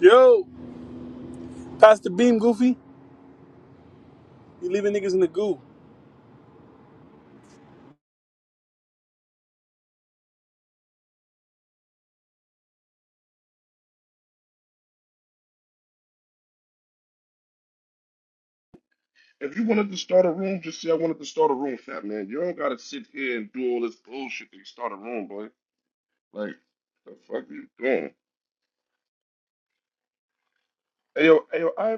Yo, Pastor Beam Goofy, you leaving niggas in the goo. If you wanted to start a room, just say I wanted to start a room, fat man. You don't gotta sit here and do all this bullshit to start a room, boy. Like, the fuck are you doing? Hey yo, hey yo, I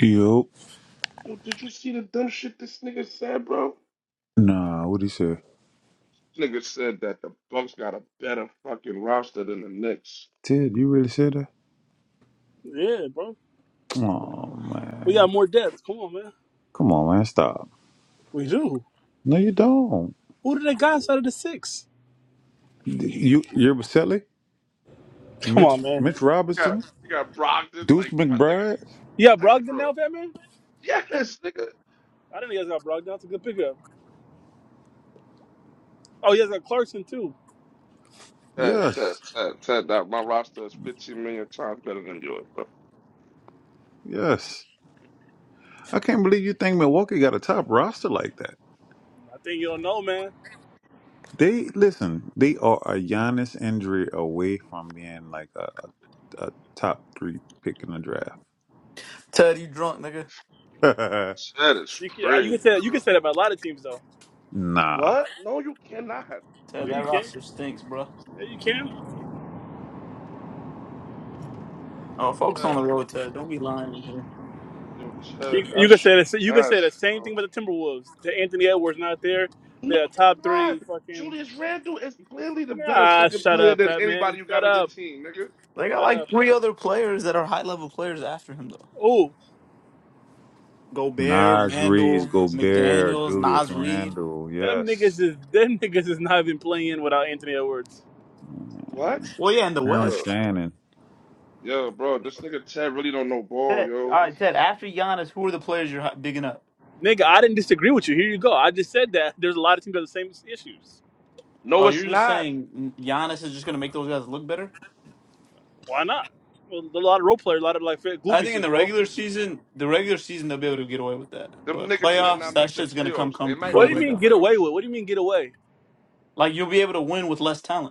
Yup. Yo, did you see the dumb shit this nigga said, bro? Nah, what he say? Nigga said that the Bucks got a better fucking roster than the Knicks. Ted, you really said that? Yeah, bro. Oh man, We got more depth. Come on, man. come on, man, stop. We do. No, you don't. Who did they got outside of the six? You, you're Baselli, Come Mitch, on, man. Mitch You got Robinson, you got Brogdon, Deuce like my McBride. You got nigga. Like, Brogdon bro. now, Fat Man? Yes, nigga. I didn't know you guys got Brogdon. That's a good pickup. Oh, you guys got Clarkson too. Ted, Ted, Yes, Ted, Ted, that my roster is 15 million times better than yours, bro. yes. I can't believe you think Milwaukee got a top roster like that. I think you don't know, man. They listen. They are a Giannis injury away from being like a, a, a top three pick in the draft. Ted, you drunk, nigga. That is You can you can crazy, say that you bro. can say that about a lot of teams though. nah, What? No, you cannot. Ted, Yeah, that you can. roster stinks, bro. Yeah, you can. Oh, focus on Chud. the road, Ted. Don't be lying in here. Yo, You, Chud, you that can shit say is the, you can say the nasty, same bro. thing about the Timberwolves. The Anthony Edwards not there. No, They're a he top not. three fucking Julius Randle is clearly the better Nah, second shut player up, than Fat Man. anybody you Shut got on your up. team, nigga. They got Shut like up. three other players that are high level players after him though. Oh. Gobert, Nas Reed, Randall, Gobert, McDaniels, Julius Nas Reed. Randle. Them niggas Yes. is them niggas is not even playing without Anthony Edwards. What? Well, yeah, in the Aaron Yo. West. Shannon. Yo, bro, this nigga Ted really don't know ball, Ted, all yo. right, Ted. After Giannis, who are the players you're hi- digging up? Nigga, I didn't disagree with you. Here you go. I just said that there's a lot of teams that have the same issues. No, Oh, it's you're just not. saying Giannis is just gonna make those guys look better. Why not? Well, there's a lot of role players, a lot of like glue I think in pieces, the bro. regular season, the regular season they'll be able to get away with that, Them but niggas might playoffs, not that make the shit's gonna come playoffs. They come might What Yeah. do not you crumbling make the mean down. get away playoffs. with? What do you mean get away? Like you'll be able to win with less talent.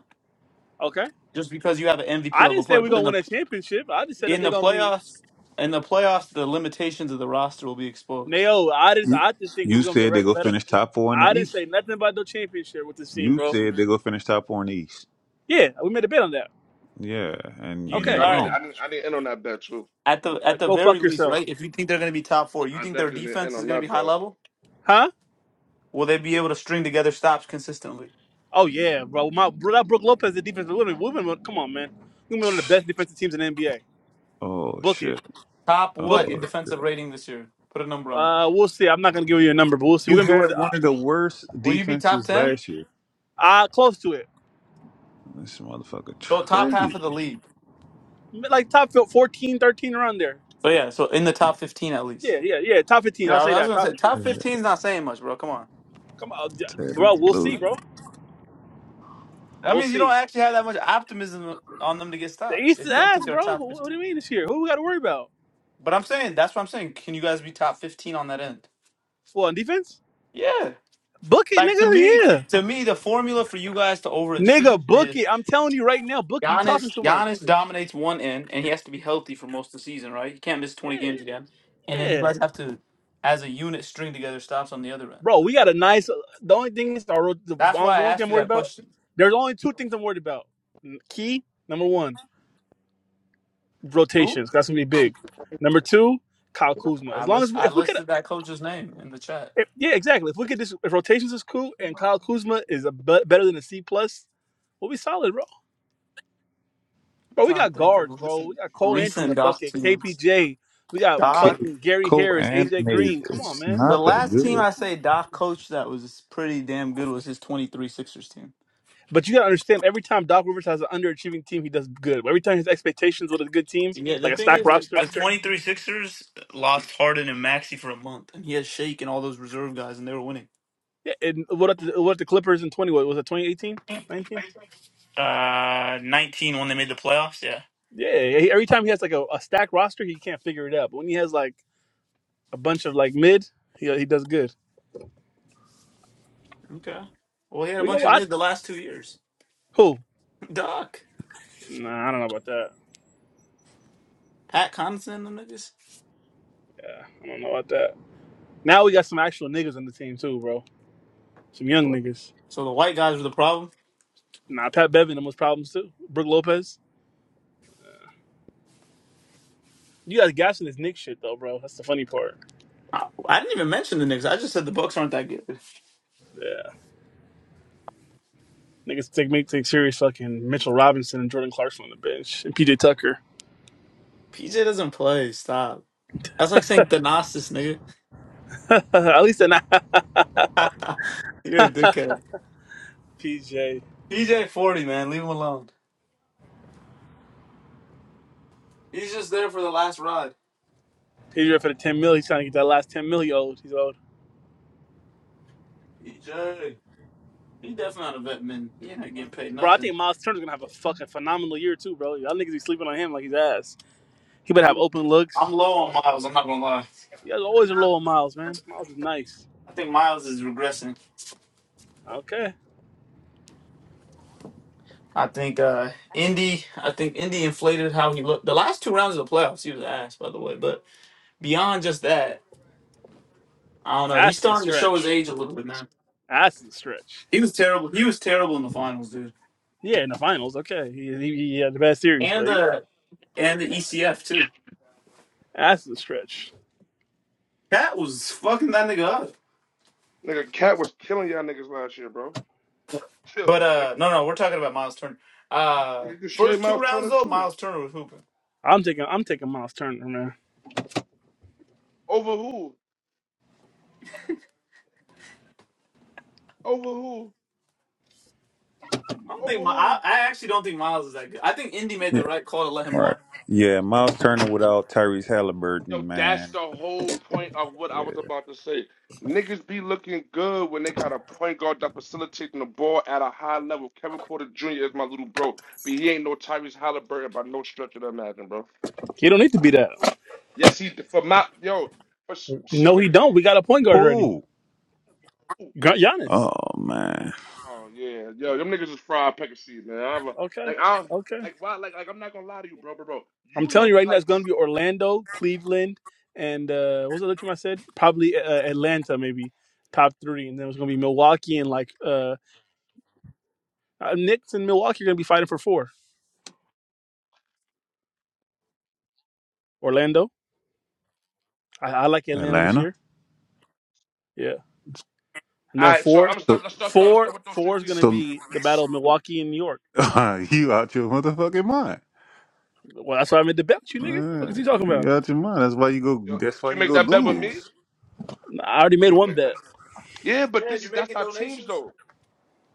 Okay. just because you have an MVP I didn't level say player. we're But gonna in win the a championship. I just said that in they're the gonna be playoffs, in the playoffs, the limitations of the roster will be exposed. Nayo. I just You, I just think we're you gonna be a said they reg- go better. finish top four in the I didn't East. say nothing about no championship with this team, You bro. said they go finish top four in the East. Yeah, we made a bet on that. Yeah, and, You and think? Yo, you're I Okay, All need, right, wrong. I need, I need in on that bet too. at the Uh, at the go very fuck least, yourself, right? If you think they're going to be top four, you I think their definitely need in defense is on going to that be high bet. level? huh? Will they be able to string together stops consistently? Oh yeah, bro. My bro, that Brook Lopez, the defense. We've been, we've been, come on, man. We've been one of the best defensive teams in the NBA. Oh Book it, shit. Top book what Oh in it. defensive shit. rating this year? Put a number on it. Uh, we'll see. I'm not gonna give you a number, but we'll see. We're You gonna be one of had the one uh, of the worst Will you be top defenses ten? last year. uh close to it, This motherfucker So top half crazy. of the league. like top fil- 14, 13 around there. So yeah, so in the top fifteen at least. Yeah, yeah, yeah. Top 15. I'll Yeah, say I was that. gonna Top. say top Yeah, 15 is not saying much, bro. Come on. Come on, d- Ted is bro. We'll see, losing. bro. That We'll means you don't see. actually have that much optimism on them to get The stops East if is you don't think ass, they're bro. top 15. What, what do you mean this year? Who we got to worry about? But I'm saying that's what I'm saying. Can you guys be top fifteen on that end? Well, on defense, Yeah. book it, Like to me, nigga. Yeah, to me, the formula for you guys to overachieve nigga, book is it. I'm telling you right now, book it. You talking Giannis. too much. Giannis dominates one end, and he has to be healthy for most of the season, right? He can't miss twenty Yeah, games again. And then you yeah. guys have to, as a unit, string together stops on the other end. bro. We got a nice. The only thing is our road- the the That's why I only thing asked I'm you worried that about. question. There's only two things I'm worried about. Key number one, Who? rotations. That's gonna be big. Number two, Kyle Kuzma. As I long list as we, I if we could, listed that coach's name in the chat. if, yeah, exactly. If we could, just, if rotations is cool and Kyle Kuzma is a be- better than a C plus, we'll be solid, bro. I'm Bro, we trying got to think of guards, bro. We recent got Cole Anthony, a recent Doc bucket, teams. KPJ. We got K- fucking Gary Harris, AJ Co-animated. Green. Come on, It's man. The not that last team good. I say Doc coached that was pretty damn good was his 23 Sixers team. But you gotta understand, every time Doc Rivers has an underachieving team, he does good. Every time his expectations with a good team, Yeah, the like a thing stacked is that roster, the 23 Sixers lost Harden and Maxi for a month, and he had Shake and all those reserve guys, and they were winning. yeah. And what if the, what if the Clippers in twenty? What was it? 2018? 19? Uh, 19 when they made the playoffs, yeah. Yeah. yeah, he- Every time he has like a, a stacked roster, he can't figure it out. But when he has like a bunch of like mid, he he does good. Okay. Well, he had a We go. bunch of I, mid the last two years. who? Doc. Nah, I don't know about that. Pat Connaughton and them niggas. Yeah, I don't know about that. Now we got some actual niggas on the team too, bro. Some young niggas. So the white guys were the problem? Nah, Pat Bevin, the most problems too. Brooke Lopez. You guys gassing this Nick shit though, bro. That's the funny part. I, I didn't even mention the Knicks. I just said the Bucks aren't that good. Yeah. Niggas take make take serious fucking Mitchell Robinson and Jordan Clarkson on the bench and PJ Tucker. PJ doesn't play. Stop. That's like saying Thanasis, nigga. At least they're not You're a dickhead. PJ. PJ forty man, leave him alone. He's just there for the last ride. PJ up for the ten mil. He's trying to get that last ten mil. He owed. He's old. PJ, he definitely not a vet man. He ain't getting paid Bro, I nothing. think Miles Turner's gonna have a fucking phenomenal year too, bro. Y'all niggas be sleeping on him like he's ass. He better have I'm open I'm looks. low All on that. Miles. I'm not gonna lie. You guys always are low on Miles, man. Miles is nice. I think Miles is regressing. Okay, I think uh Indy. I think Indy inflated how he looked. The last two rounds of the playoffs, he was ass, by the way. But beyond just that, I don't know. He's that's the starting to show his stretch. age a little bit, man. That's the stretch. He was terrible. He was terrible in the finals, dude. Yeah, in the finals. Okay, he he, he had the best series, And but he, the and the ECF too. that's the stretch. Cat was fucking that nigga up. Nigga, Cat was killing y'all niggas last year, bro. Chill, But like uh, no, no, we're talking about Miles Turner. Uh, you can straight first two mouth rounds Turner though, too. Miles Turner was hooping. I'm taking I'm taking Miles Turner, man. Over who? Over who? I don't think Over my, I, who? I actually don't think Miles is that good. I think Indy made Yeah. the right call to let him All right. walk. Yeah, Miles Turner without Tyrese Yo, Halliburton, that's man. the whole point of what I Yeah. was about to say. Niggas be looking good when they got a point guard that facilitating the ball at a high level. Kevin Porter Jr. is my little bro, but he ain't no Tyrese Halliburton by no stretch of the imagination, bro. He don't need to be that. Yes, he for my yo, for s- yo No, he niggas don't. We do got a point guard already. Who? Gu- Giannis. Oh man. Oh yeah, yo, them niggas is fried peck of seed, man. I'm a, Okay. like I Okay. like why like like I'm not gonna lie to you, bro, bro, bro. I'm You telling let you right now, like it's going to be Orlando, Cleveland, and uh, what was the other team I said? Probably uh, uh, Atlanta, maybe top three, and then it's going to be Milwaukee and like uh, uh, Knicks and Milwaukee are going to be fighting for four. Orlando. I, I like Atlanta this Atlanta. year. Yeah, and all then right, so four, I'm start let's start, start let's four, start with those three four is teams. going to So be the battle of you Milwaukee and New York. out your motherfucking mind. Well, that's why I made the bet, with you nigga. What Uh, is he talking you about? out your mind. That's why you go. Yo, That's why you you make go that bet with me? lose. Nah, I already made You one make that. bet. Yeah, but Yeah, this is you're that's making our teams donations. though.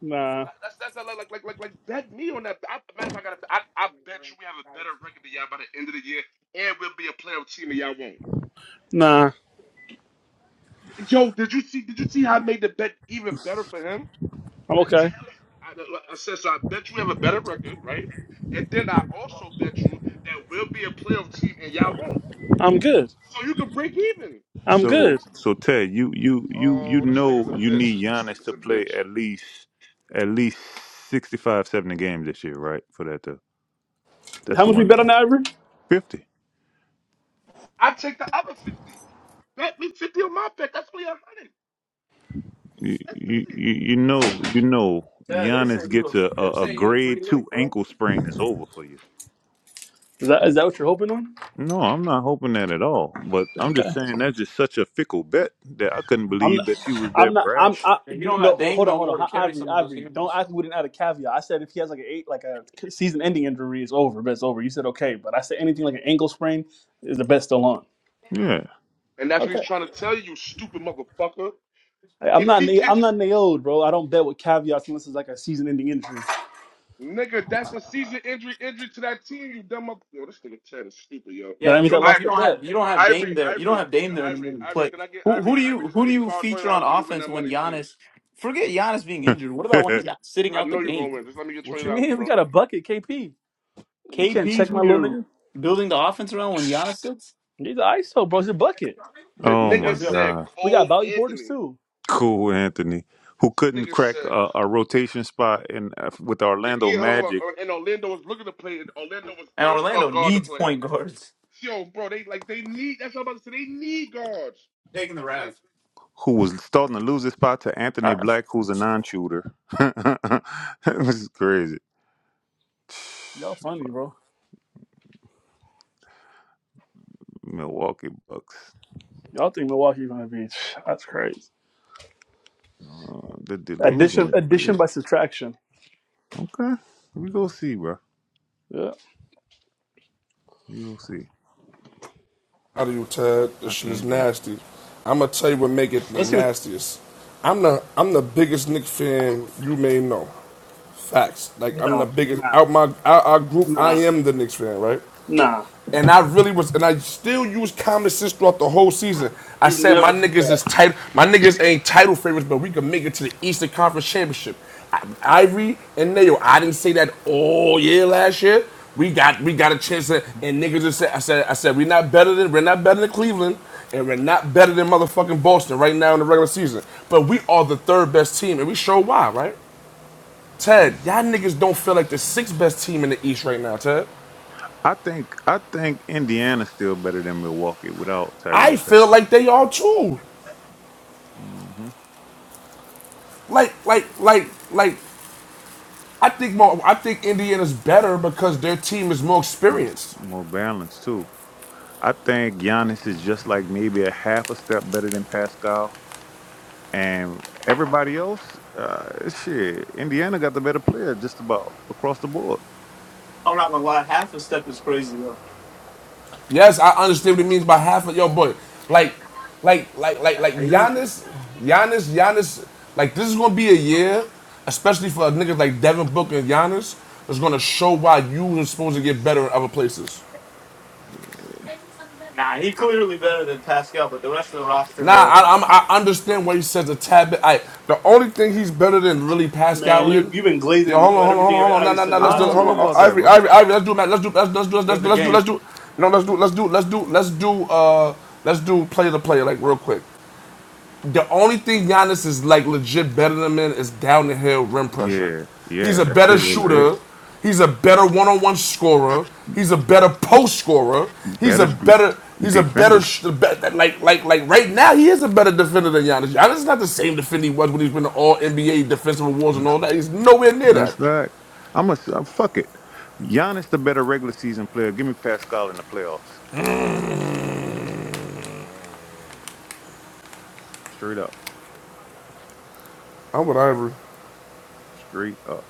Nah, That- That's that's not like like like like like bet me on that. I, matter of fact, I, gotta, I I bet you we have a better record than y'all by the end of the year, and we'll be a playoff team and y'all won't. nah. Yo, did you see? Did you see how I made the bet even better for him? I'm I okay. tell him. I, I I said so. I bet you have a better record, right? And then I also bet you that we'll be a playoff team and y'all won't. I'm good. So you can break even. I'm So good. so Ted, you you you you Oh, this nigga's know a you bitch. need This Giannis nigga's to a play bitch. at least at least 65 70 games this year, right? For that to that's How the much we one bet on the Ivory? fifty. I take the other fifty. Bet me fifty on my bet. That's only a hundred. You That's you 50. you you know you know Yeah, they say Giannis you. gets A, a, they're a, a saying you a free grade two lick, bro. ankle sprain is over for you. Is that is that what you're hoping on? No, I'm not hoping that at all. But I'm Okay. just saying that's just such a fickle bet that I couldn't I'm believe not. that you was I'm that not. I'm. brash. I, Yeah, you don't no. got Dame Hold on. no Hold on. more to Hi- carry Ivory. some of those Ivory. Don't games. ask me with an added caveat. I said if he has like an eight, like a season-ending injury, it's over. But it's over. You said okay. But I said anything like an ankle sprain is the bet still on. Yeah. And that's what he's Okay. trying to tell you, you stupid motherfucker. I- I'm If not. he na- I'm catches, not nailed, bro. I don't bet with caveats unless it's like a season-ending injury. Uh, nigga, that's a season injury, injury to that team, you dumb motherfucker. Yo, this nigga Chad is stupid, yo. yeah, That the means Yo, I thing is, lost you the Ivory. don't bet. have you don't Yo, have Dame Ivory, there. You don't Ivory, have yo, Dame there Ivory, anymore to Ivory, play. can I get Who who Ivory, do Ivory, you just let who do me you borrow twenty feature on dollars when you win offense that when money, please. Giannis? Forget Giannis being injured. What about when he's out, sitting I out the know you're game? gonna win. Just let me get What twenty you dollars, mean? We bro. got a bucket, KP. Niggas can't KP's check my who little you're nigga. building the offense around when Giannis sits? He's an ISO, bro. It's a bucket. Yo. The oh Yeah, nigga my let's go. said God. We Cole got value Porters Anthony. too. Cool, Anthony, who This couldn't nigga crack said a, a rotation spot in uh, with the Orlando E H L Magic, and Orlando was looking to play it. Orlando was And thirst for a Orlando guard to needs play. it. point guards. Yo, bro, they like they need that's what I'm about to say. They need guards. Taking the Like, Rav. who was starting to lose his spot to Anthony Uh, Black, who's a non-shooter. it was crazy. Y'all funny, bro. Milwaukee Bucks. Y'all think Milwaukee's gonna be? That's crazy. Uh, the delusion Addition, is addition crazy. by subtraction. Okay, we go see, bro. Yeah. We go see. Out of you, Ted. I This shit is can't wait. nasty. I'm gonna tell you what make it the Let's see. What, nastiest. I'm the I'm the biggest Knicks fan you may know. Facts. Like I'm the nah, biggest nah, out my out our group. I nah, am the Knicks fan, right? nah. And I really was, and I still used common sense throughout the whole season. I You said my never did niggas that, is title, my niggas ain't title favorites, but we can make it to the Eastern Conference Championship. I, Ivory and Nayo, I didn't say that all year last year. We got we got a chance, to, and niggas just said, I said, I said, we're not better than we're not better than Cleveland, and we're not better than motherfucking Boston right now in the regular season. But we are the third best team, and we show why, right? Yeah. Ted, y'all niggas don't feel like the sixth best team in the East right now, Ted. I think I think Indiana's still better than Milwaukee without I Tyrese feel like they are too. Halliburton. Like, like, like, like. I think more. I think Indiana's better because their team is more hmm experienced. More balance too. I think Giannis is just like maybe a half a step better than Pascal, and everybody else, uh, shit. Indiana got the better player just about across the board. I'm not gonna lie, half a step is crazy though. Yes, I understand what it means by half of your boy. Like, like, like, like, like Nah, He, Giannis, Giannis, Giannis. Like this is gonna be a year, especially for niggas like Devin Booker and Giannis, that's gonna show why you are supposed to get better in other places. Yeah. nah, he clearly better than Pascal, but the rest of the roster Nah, though, I, I'm, I understand why he says a tad bit. I, the only thing he's better than really man. Pascal You in. you've been Yo, glazing hold on, with hold on, hold everything on, I hold on. Nah, already nah, said nah. the Let's I do. it. last don't two Hold know on, uh, about that, minutes. Ivory, bro. Ivory, Ivory. Let's do, it, man. Let's do. Let's, let's do. Let's there's do. a Let's do. game. Let's do. No, let's do. Let's do. Let's do. Let's do. Uh, let's do player to player, like real quick. The only thing Giannis is like legit better than him is down the hill rim pressure. Yeah, He's yeah, a that's better it. it- shooter. it. He's a better one-on-one scorer. He's a better post scorer. He's a Better def- better. He's a better defender. sh- like like like right now. He is a better defender than Giannis. Giannis is not the same defender he was when he's been to all NBA defensive awards and all that. He's nowhere near that That's that. I'm a fuck it. Giannis the better regular season player. Give me Pascal in the playoffs. Straight up. I'm with Ivory. Straight up.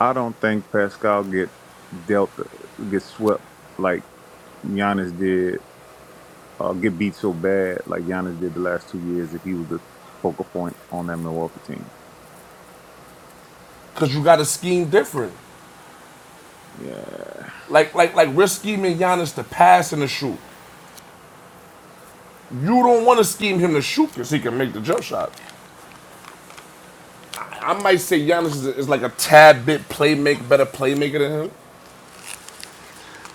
I don't think Pascal get dealt get swept like Giannis did, uh, get beat so bad like Giannis did the last two years if he was the focal point on that Milwaukee team. because you got to scheme different. Yeah. Like like like we're scheming Giannis to pass and to shoot. You don't want to scheme him to shoot because he can make the jump shot. I might say Giannis is, is like a tad bit playmaker, better playmaker than him.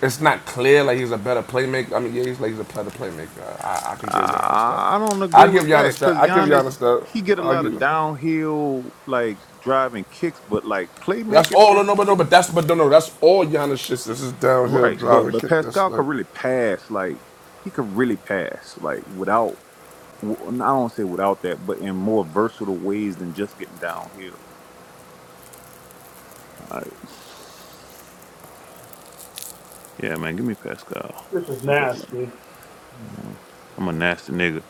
It's not clear like he's a better playmaker. I mean, yeah, he's like he's a better playmaker. I, I could give Giannis that. I, I don't I agree give with that Giannis that. because I give Giannis, Giannis that. he get a I lot give. of Him. downhill like driving kicks, but like That's playmaking, all. No, no, man, but no, give me but that's but no, no. That's all Giannis shit. This is downhill right. But driver but kick. That's Pascal like could really pass, like he could really pass, like without w- I don't say without that, but in more versatile ways than just getting downhill. All right. Yeah, man, give me Pascal. This is Fuck all that. nasty. Uh, I'm a nasty nigga.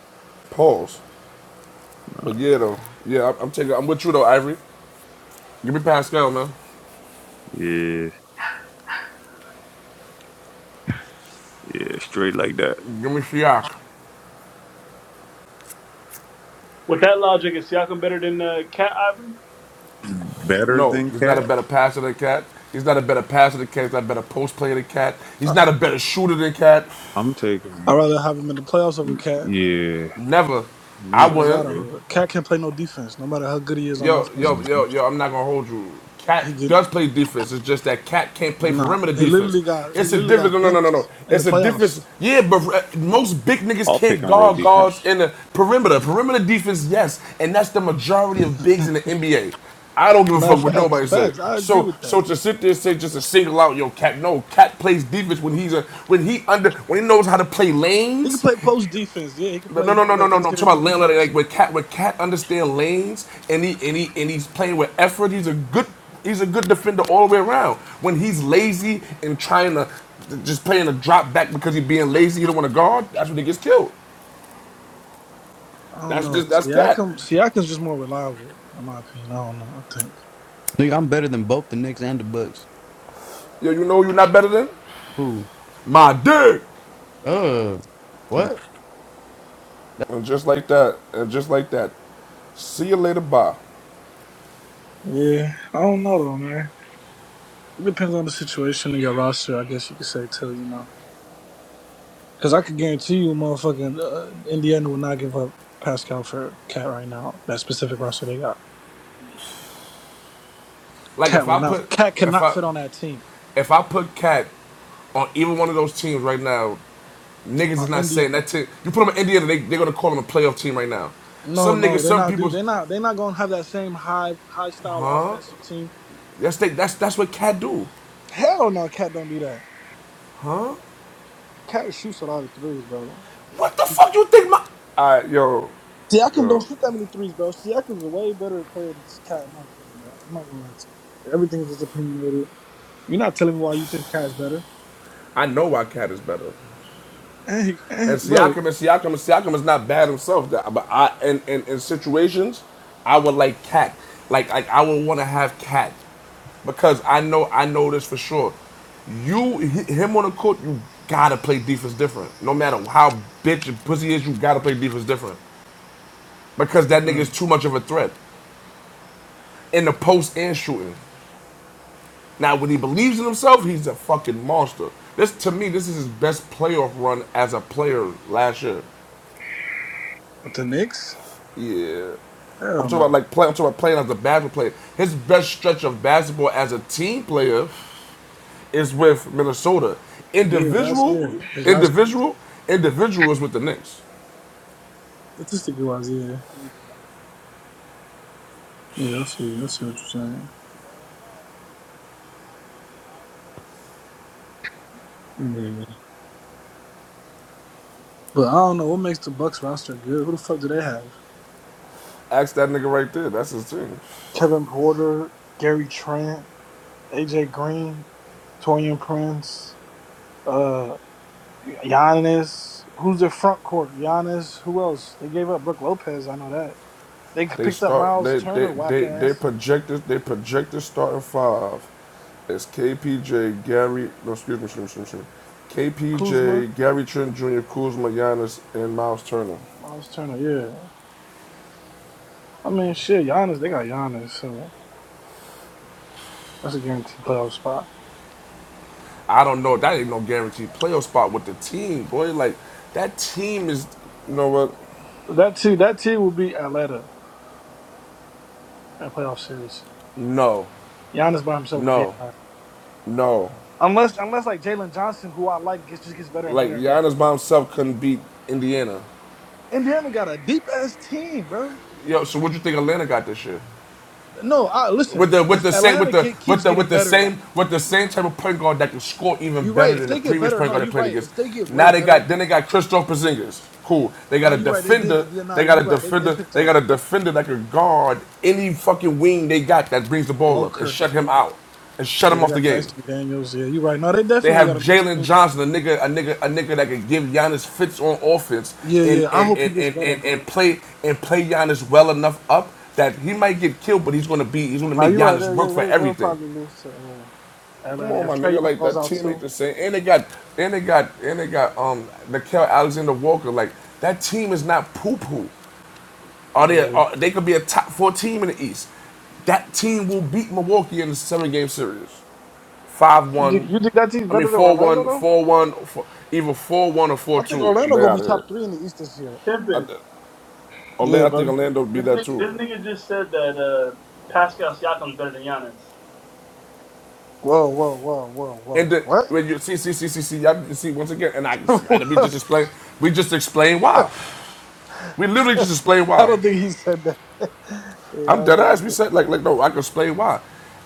pause. But yeah, though. Yeah, I'm, I'm taking. I'm with you though, Ivory. Give me Pascal, man. Yeah, yeah, straight like that. Give me Siak. With that logic, is Siakam better than uh, Cat Ivory? Better No, than he's not a Cat? better passer than Cat. He's not a better passer than Cat. He's not a better post player than Cat. He's I- not a better shooter than Cat. I'm I'd taking. rather have him in the playoffs over Cat. Yeah, Never. I me. Swear to God, wouldn't. I bro. would. Cat can't play no defense. No matter how good he is on Yo, offense, yo, yo, Mhm. yo, I'm not gonna hold you. Cat he get does play defense. It's just that Cat can't play not. perimeter He defense. literally got he It's a literally difference. got No, no, no, no, no. benched in the It's a playoffs. difference. Yeah, but uh, most big niggas I'll pick can't and roll guard guards defense. in the perimeter. Perimeter defense, yes, and that's the majority of bigs in the NBA. I don't give a Nah, fuck what facts, nobody says. facts. I agree So, with so that. to sit there and say just to single out yo cat, no, cat plays defense when he's a when he under when he knows how to play He can lanes play post defense. Yeah, he can no, play. no, He no, can no, no, play no. no. I'm talking interior about landlord. defense. Like with cat, with cat understand lanes, and he and he and he's playing with effort. He's a good, he's a good defender all the way around. When he's lazy and trying to just playing a drop back because he's being lazy, you don't want to guard. That's when he gets killed. I don't That's know. just that's cat. Siakam, Siakam's just more reliable, in my opinion. I don't know. I think. Nigga, I'm better than both the Knicks and the Bucks. Yo, you know who you're not better than Who? my dick. Uh, what? And just like that, and just like that. See you later, bye. Yeah, I don't know though, man. It depends on the situation and your roster, I guess you could say too. You know. Because I could guarantee you, motherfucking uh, Indiana will not give up Pascal for Cat right now. That specific roster they got, Like if Cat will I put not. Cat if cannot I fit on that team. if I put cat on either one of those teams right now, Niggas Uh, is not saying Indiana. that team. You put them in Indiana, they, they're gonna call them a playoff team right now. No, Some niggas, no, they're some not. Do people, they're not. They're not gonna have that same high, high style offensive team. that's they, that's that's what Cat do. Hell no, Cat don't do that. Cat shoots a lot of threes, bro. What the fuck you think my? Alright, yo, Siakam don't yo, shoot that many threes, bro. Siakam's a way better player than Cat, in my opinion, bro. I'm not gonna lie to you. Everything is just opinionated. You're not telling me why you think Cat's better. I know why Cat is better. Hey, hey, And bro. Siakam and Siakam and Siakam is not bad himself. But I in, in, in situations, I would like Cat. Like like I would want to have Cat because I know I know this for sure. You him on the court, you gotta play defense different. No matter how bitch and pussy is, you gotta play defense different. because that Uh, nigga's too much of a threat in the post and shooting. Now, when he believes in himself, he's a fucking monster. This to me, this is his best playoff run as a player last year. With the Knicks? Yeah, I'm Hell talking about no. like play. I'm talking about playing as a basketball player. His best stretch of basketball as a team player is with Minnesota. Yeah, last Individual, year. His last year, individual, individual is with the Knicks. statistically wise, yeah. Yeah, I see. I see what you're saying. Yeah. But I don't know what makes the Bucks roster good. Who the fuck do they have? Ask that nigga right there. That's his team. Kevin Porter, Gary Trent, AJ Green, Torian Prince, uh, Giannis. Who's their front court? Giannis. Who else? They gave up Brooke Lopez. I know that. They They picked up start Miles they they Turner, whack they they ass. projected they projected starting five as KPJ, Gary no excuse me, excuse me, excuse me. Kuzma, KPJ, Gary Trent Jr., Kuzma, Giannis, and Miles Turner. Miles Turner. Yeah. I mean, shit. Giannis. They got Giannis. So that's a guaranteed playoff spot. I don't know. That ain't no guaranteed playoff spot with the team, boy. Like that team is. You know what? That too. That too will be Atlanta in playoff series. No, Giannis by himself would be no, Atlanta. no. Unless, unless like Jalen Johnson, who I like, gets, just gets better and Like better and better. Giannis by himself couldn't beat Indiana. Indiana got a deep ass team, bro. Yo, so what you think Atlanta got this year? No, I listen. with the with If the same Atlanta with the get, with keeps the getting with the better, like same with the same type of point guard that can score even you're right. better If than the they get previous better, point no, guard they you're played right. against. If they get way Now they got better, then they got Christoph Porzingis. Cool. They no, got a you're right. They did. defender. get- Yeah, no, They got you're a right. They, they defender. picked They got up a defender that can guard any fucking wing they got that brings the ball up and Walker. shut him out and shut Yeah, him they off the got game. Dyson Daniels. Yeah, you're right. No, they They definitely have got a nice Jalen team. Johnson, a nigga, a nigga, a nigga that can give Giannis fits on offense Yeah, and yeah. I and, hope he and, gets and, better, and bro. and play and play Giannis well enough up that he might get killed, but he's gonna be he's gonna Now make you're right. Giannis work They, for they, they, they'll everything. probably lose to. uh, Come Atlanta. on, If my Trey nigga, Young like goes that out team too, ain't the same. And they got and they got and they got um Nickel Alexander Walker. Like that team is not poo poo. Are they? yeah. Are, they could be a top four team in the East. That team will beat Milwaukee in the seven game series five You think, one. you think that team's I mean better than four Orlando one, though? four one, four, either four one or four I think two. Orlando They gonna be out top here. three in the East this year. I, Pimpin. th- Yeah, Orlando, I think buddy. Orlando would be This that nigga, this too. nigga just said that uh, Pascal Siakam's better than Giannis. Whoa, whoa, whoa, whoa, And whoa. the, What? when you see, see, see, see, see, y'all can see once again, and I and we just What? explain, we just explain why. We literally just explain I why. don't think he said that. yeah, I I'm don't dead think he ass. We said. That. said like, like no, I can explain why.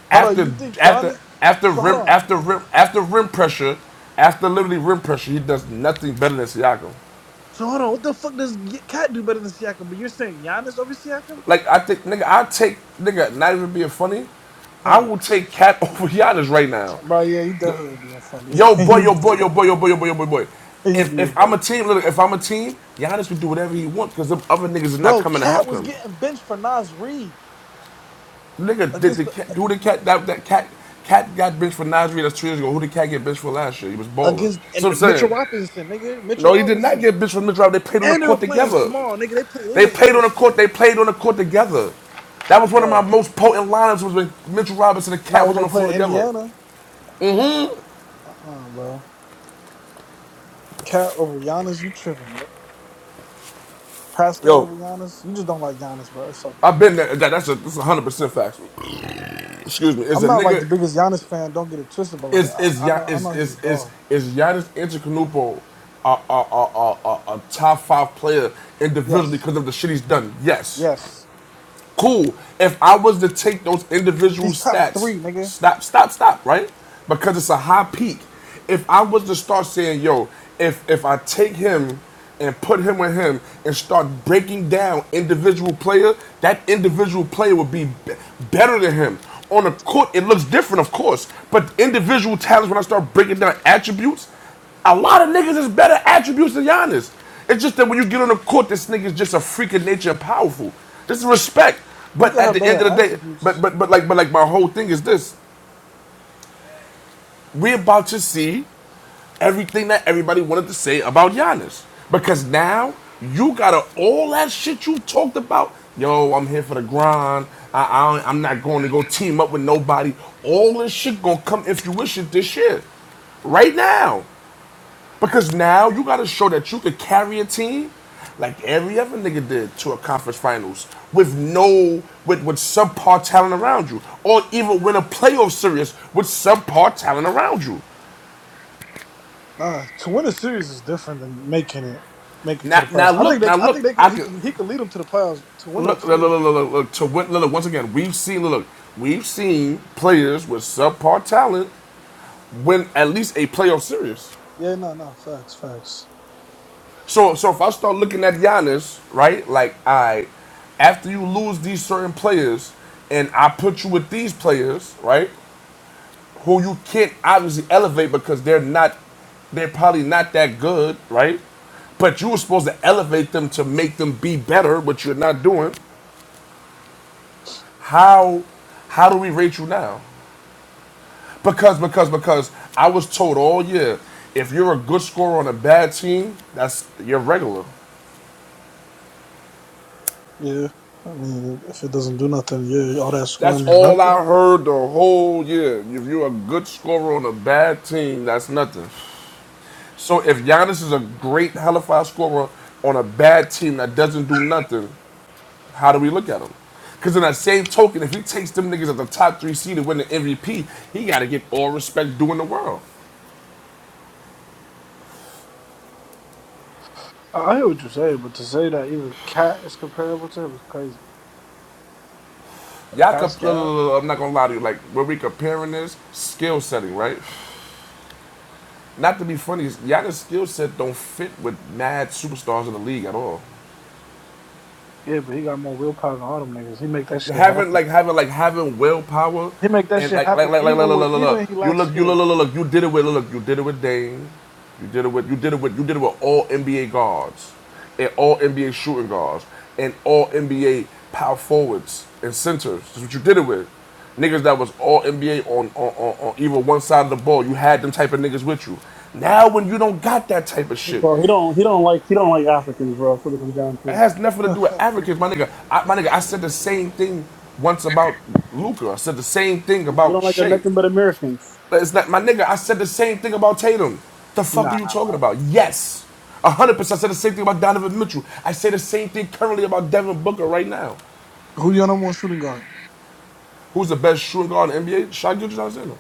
Hold on, you After, think after, Giannis? after So hold rim, on. after rim, after rim pressure, after literally rim pressure, he does nothing better than Siakam. So hold on. What the fuck does Gi- Cat do better than Siakam? But you're saying Giannis over Siakam? Like I think, nigga, I take nigga. Not even being funny, I Huh? will take Cat over Giannis right now. Bro, yeah, he definitely being funny. Yo, boy, yo, boy, yo, boy, yo, boy, yo, boy, yo, boy, boy. he, he If being if I'm funny. a team, look, if I'm a team, Giannis can do whatever he wants because them other niggas is not Bro, coming to Cat help was him. getting benched for Nas Reed Nigga, did against the the cat who the cat that that cat cat got benched for Nasri that's two years ago. Who did cat get benched for last year? He was balling. against and So I'm Mitchell saying, Robinson, nigga, Mitchell no, he did not Robinson, get benched for Mitchell. They played on the and they were court playing together. small, nigga. They play, they They went played even, on the court. They played on the court together. That was one of my bro. most potent lineups was when Mitchell Robinson and Not Cat when was they on the floor played together. Indiana, uh, uh bro. Cat over Giannis, you tripping, bro? Pascal Yo, over Giannis, you just don't like Giannis, bro. It's I've okay. been there. That, that's a that's a hundred percent factual. Excuse me. Is I'm a not like nigga the biggest Giannis fan. Don't get it twisted, but like is is I, I know, I know is he's a is is dog. is Giannis Antetokounmpo a, a, a, a, a top five player individually Yes, because of the shit he's done? Yes. yes, Cool. If I was to take those individual he's top stats, three, nigga. stop, stop, stop, right? Because it's a high peak. If I was to start saying, yo, if if I take him and put him with him and start breaking down individual player, that individual player would be be- better than him. On the court, it looks different, of course, but individual talents, when I start breaking down attributes, a lot of niggas is better attributes than Giannis. It's just that when you get on the court, this nigga's just a freak of nature and powerful. This is respect. You But could at have the better end of the day, but attributes. but but like but like my whole thing is this. We're about to see everything that everybody wanted to say about Giannis. Because now you gotta all that shit you talked about. Yo, I'm here for the grind. I, I I'm not going to go team up with nobody. All this shit gonna come in fruition this year right now. Because now you got to show that you could carry a team like every other nigga did to a conference finals with no, with, with subpar talent around you. Or even win a playoff series with subpar talent around you. Nah, to win a series is different than making it, make it to Now, the now playoffs. I think look, they, now I look, think they, could, I he could, could, he could lead them to the playoffs to win a look, look, look, series. look, look, to win, look, once again, we've seen, look, we've seen players with subpar talent win at least a playoff series. Yeah, no, no, facts, facts. So so if I start looking at Giannis, right? Like I after you lose these certain players and I put you with these players, right? Who you can't obviously elevate because they're not they're probably not that good, right? But you were supposed to elevate them to make them be better, but you're not doing. How how do we rate you now? Because because because I was told all year, if you're a good scorer on a bad team, that's you're regular. Yeah, I mean, if it doesn't do nothing, yeah, all that That's scoring is all nothing. I heard the whole year. If you're a good scorer on a bad team, that's nothing. So if Giannis is a great hellfire scorer on a bad team that doesn't do nothing, how do we look at him? Because in that same token, if he takes them niggas at the top three seed and win the MVP, he got to get all respect due in the world. I I hear what you're saying, but to say that even Cat is comparable to him is crazy. Y'all, Pascal, I'm not gonna lie to you. Like when we comparing this skill setting, right? Not to be funny, Giannis' skill set don't fit with mad superstars in the league at all. yeah, but he got more willpower than all them niggas. He make that shit having happen. like having like having willpower He make that and shit like like happen like like look, even look, with look, look. even he you lacks look you look, skill. look look you did it with look you did it with Dame, you did it with you did it with you did it with all NBA guards and all NBA shooting guards and all NBA power forwards and centers. That's what you did it with. Niggas that was all NBA on on, on on either one side of the ball. You had them type of niggas with you. Now when you don't got that type of shit, Bro, he don't he don't like he don't like Africans, bro. That's what it comes down it to. has nothing to Yeah. do with Africans, my nigga. I, my nigga, I said the same thing once about Luca. I said the same thing He about don't like Shea. nothing but Americans. But It's not my nigga. I said the same thing about Tatum. The fuck are Nah, you talking about? Yes, one hundred percent. I said the same thing about Donovan Mitchell. I say the same thing currently about Devin Booker right now. Who your number one shooting guard? Who's the best shooting guard in the NBA? Shai Gilgeous Alexander.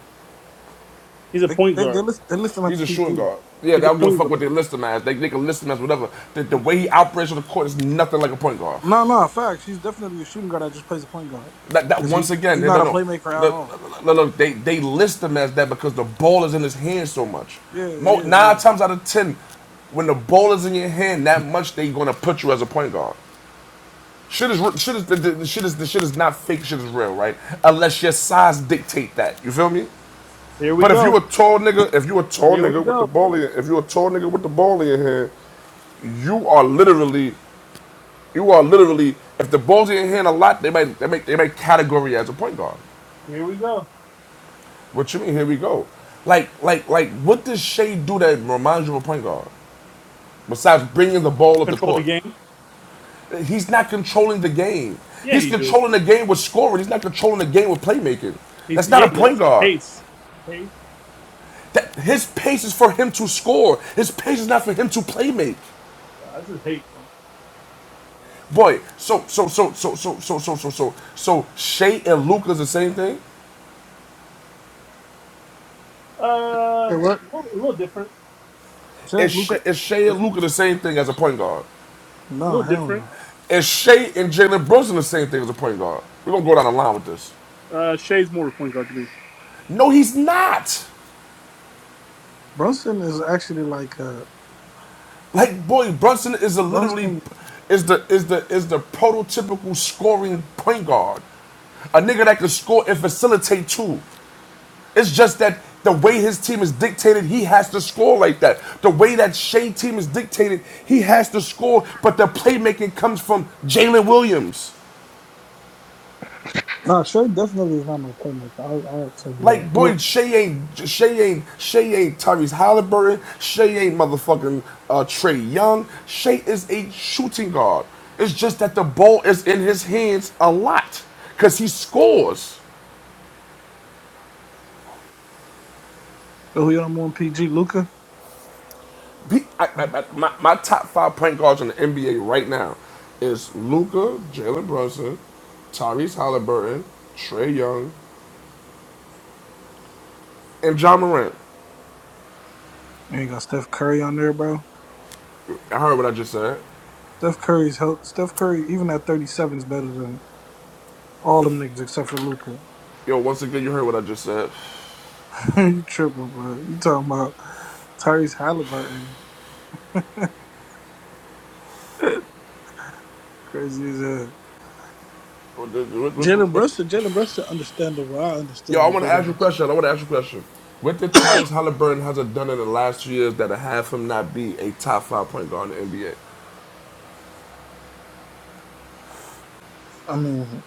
he's a They point they they guard. list they list him at the He's a shooting PG. guard. Yeah, they He's a don't give a point fuck guard. what they list him as. They, they can list him as whatever. The, the way he operates on the court is nothing like a point guard. No, no, facts. He's definitely a shooting guard that just plays a point guard That, that because he once again, he's no, no, not a no. playmaker at look, all. look, look, they they list him as that because the ball is in his hand so much. Yeah, Mo, yeah, nine yeah. times out of ten, when the ball is in your hand that much, they gonna put you as a point guard. Shit is shit is the, the, the shit is the shit is not fake. Shit is real, right? Unless your size dictate that. You feel me? Here we But if you go. a tall nigga, if you a tall Here we nigga with the go. ball in, if you a tall nigga with the ball in your hand, you are literally, you are literally. If the ball's in your hand a lot, they might, they make they make category as a point guard. Here we go. What you mean? Here we go. Like, like, like, what does Shea do that reminds you of a point guard? Besides bringing the ball up the Control the court, game. he's not controlling the game. Yeah, He's he do. controlling the game with scoring. He's not controlling the game with playmaking. He That's not yeah a he point does. guard. Pace. Pace. That his pace is for him to score. His pace is not for him to playmake. Uh, this is hate, bro. Boy, so so so so so so so so so so Shea and Luca is the same thing. Uh, Yeah, a what? little, a little different. Is Shit, Shea, Luca. is Shea and Luca the same thing as a point guard? A No, little hell different. no. Is Shea and Jalen Brunson the same thing as a point guard? We're gonna go down the line with this. Uh, Shea's more of a point guard to me. No, he's not. Brunson is actually like uh Like, boy, Brunson is a literally Brunson. is the is the is the prototypical scoring point guard. A nigga that can score and facilitate too. It's just that the way his team is dictated, he has to score like that. The way that Shea team is dictated, he has to score, but the playmaking comes from Jalen Williams. Nah, Trey definitely is not no playmaker. I'll, I'll tell you that. Like boy, Look, Shay ain't Shay ain't Shay ain't Tyrese Halliburton. Shay ain't motherfucking uh, Trey Young. Shea is a shooting guard. It's just that the ball is in his hands a lot because he scores. so who your number one PG? Luca. He- I- I- I- my, my top five point guards in the NBA right now is Luca, Jalen Brunson, Tyrese Halliburton, Trey Young, and John Morant. You ain't got Steph Curry on there, bro. I heard what I just said. Steph Curry's help. Steph Curry, even at thirty seven, is better than all them niggas except for Luca. Yo, once again, you heard what I just said. you tripping, bro? You talking about Tyrese Halliburton? Crazy as hell. What, what, Jalen what, what, Brunson. Jalen Brunson, understandable. I Yo, I understand want to Jalen ask you a Brunson. question. I want to ask you a question. What did Tyrese Halliburton hasn't done in the last two years that have him not be a top five point guard in the NBA? I mean,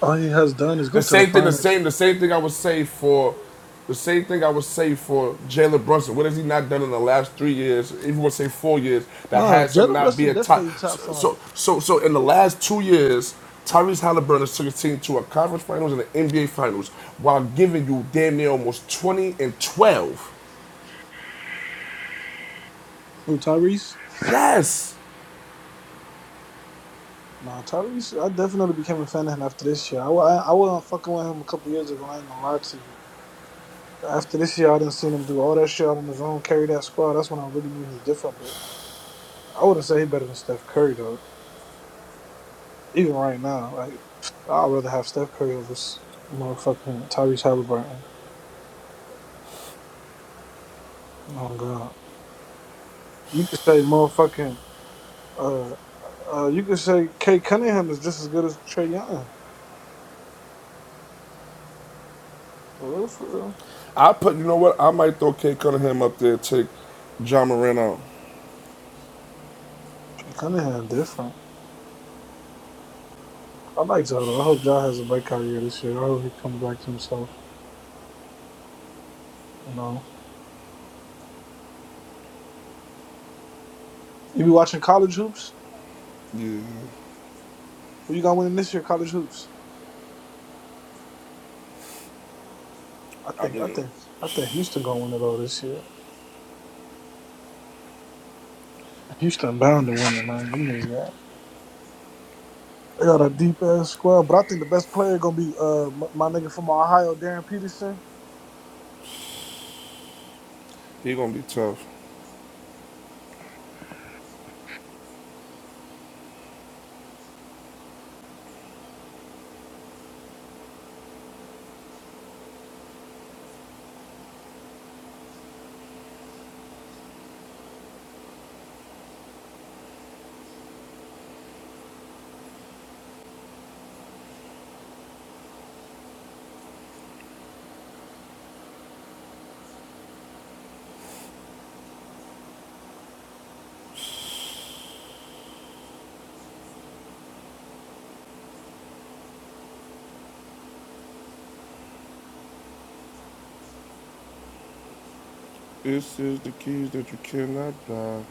all he has done is go The to the same thing. The finals. same. The same thing I would say for. The same thing I would say for Jalen Brunson. What has he not done in the last three years? Even would say four years that Nah, has him Jalen not be Brunson a top. definitely top So, five. so, so, so in the last two years, Tyrese Halliburton has took his team to a conference finals and an NBA finals while giving you damn near almost twenty and twelve. Oh, Tyrese? Yes. Nah, Tyrese, I definitely became a fan of him after this year. I, wa- I, I wasn't fucking with him a couple years ago, I ain't gonna lie to you. But after this year, I didn't see him do all that shit out on his own, carry that squad. That's when I really knew he was different, but I wouldn't say he better than Steph Curry, though. Even right now, like, I'd rather have Steph Curry over s- motherfucking Tyrese Halliburton. Oh, God. You could say motherfucking, uh, uh, you could say Kate Cunningham is just as good as Trey Young. For real, for real. I put, you know what? I might throw Kate Cunningham up there, take John Morant out. Kate Cunningham different. I like Zion. I hope John has a breakout year this year. I hope he comes back to himself. You know, you be watching college hoops. Yeah, Who you got winning this year? College hoops. I I think. I mean, think. I think Houston gonna win it all this year. Houston bound to win it, man. You know that. They got a deep ass squad, but I think the best player gonna be uh my, my nigga from Ohio, Darren Peterson. he gonna be tough. This is the keys that you cannot buy.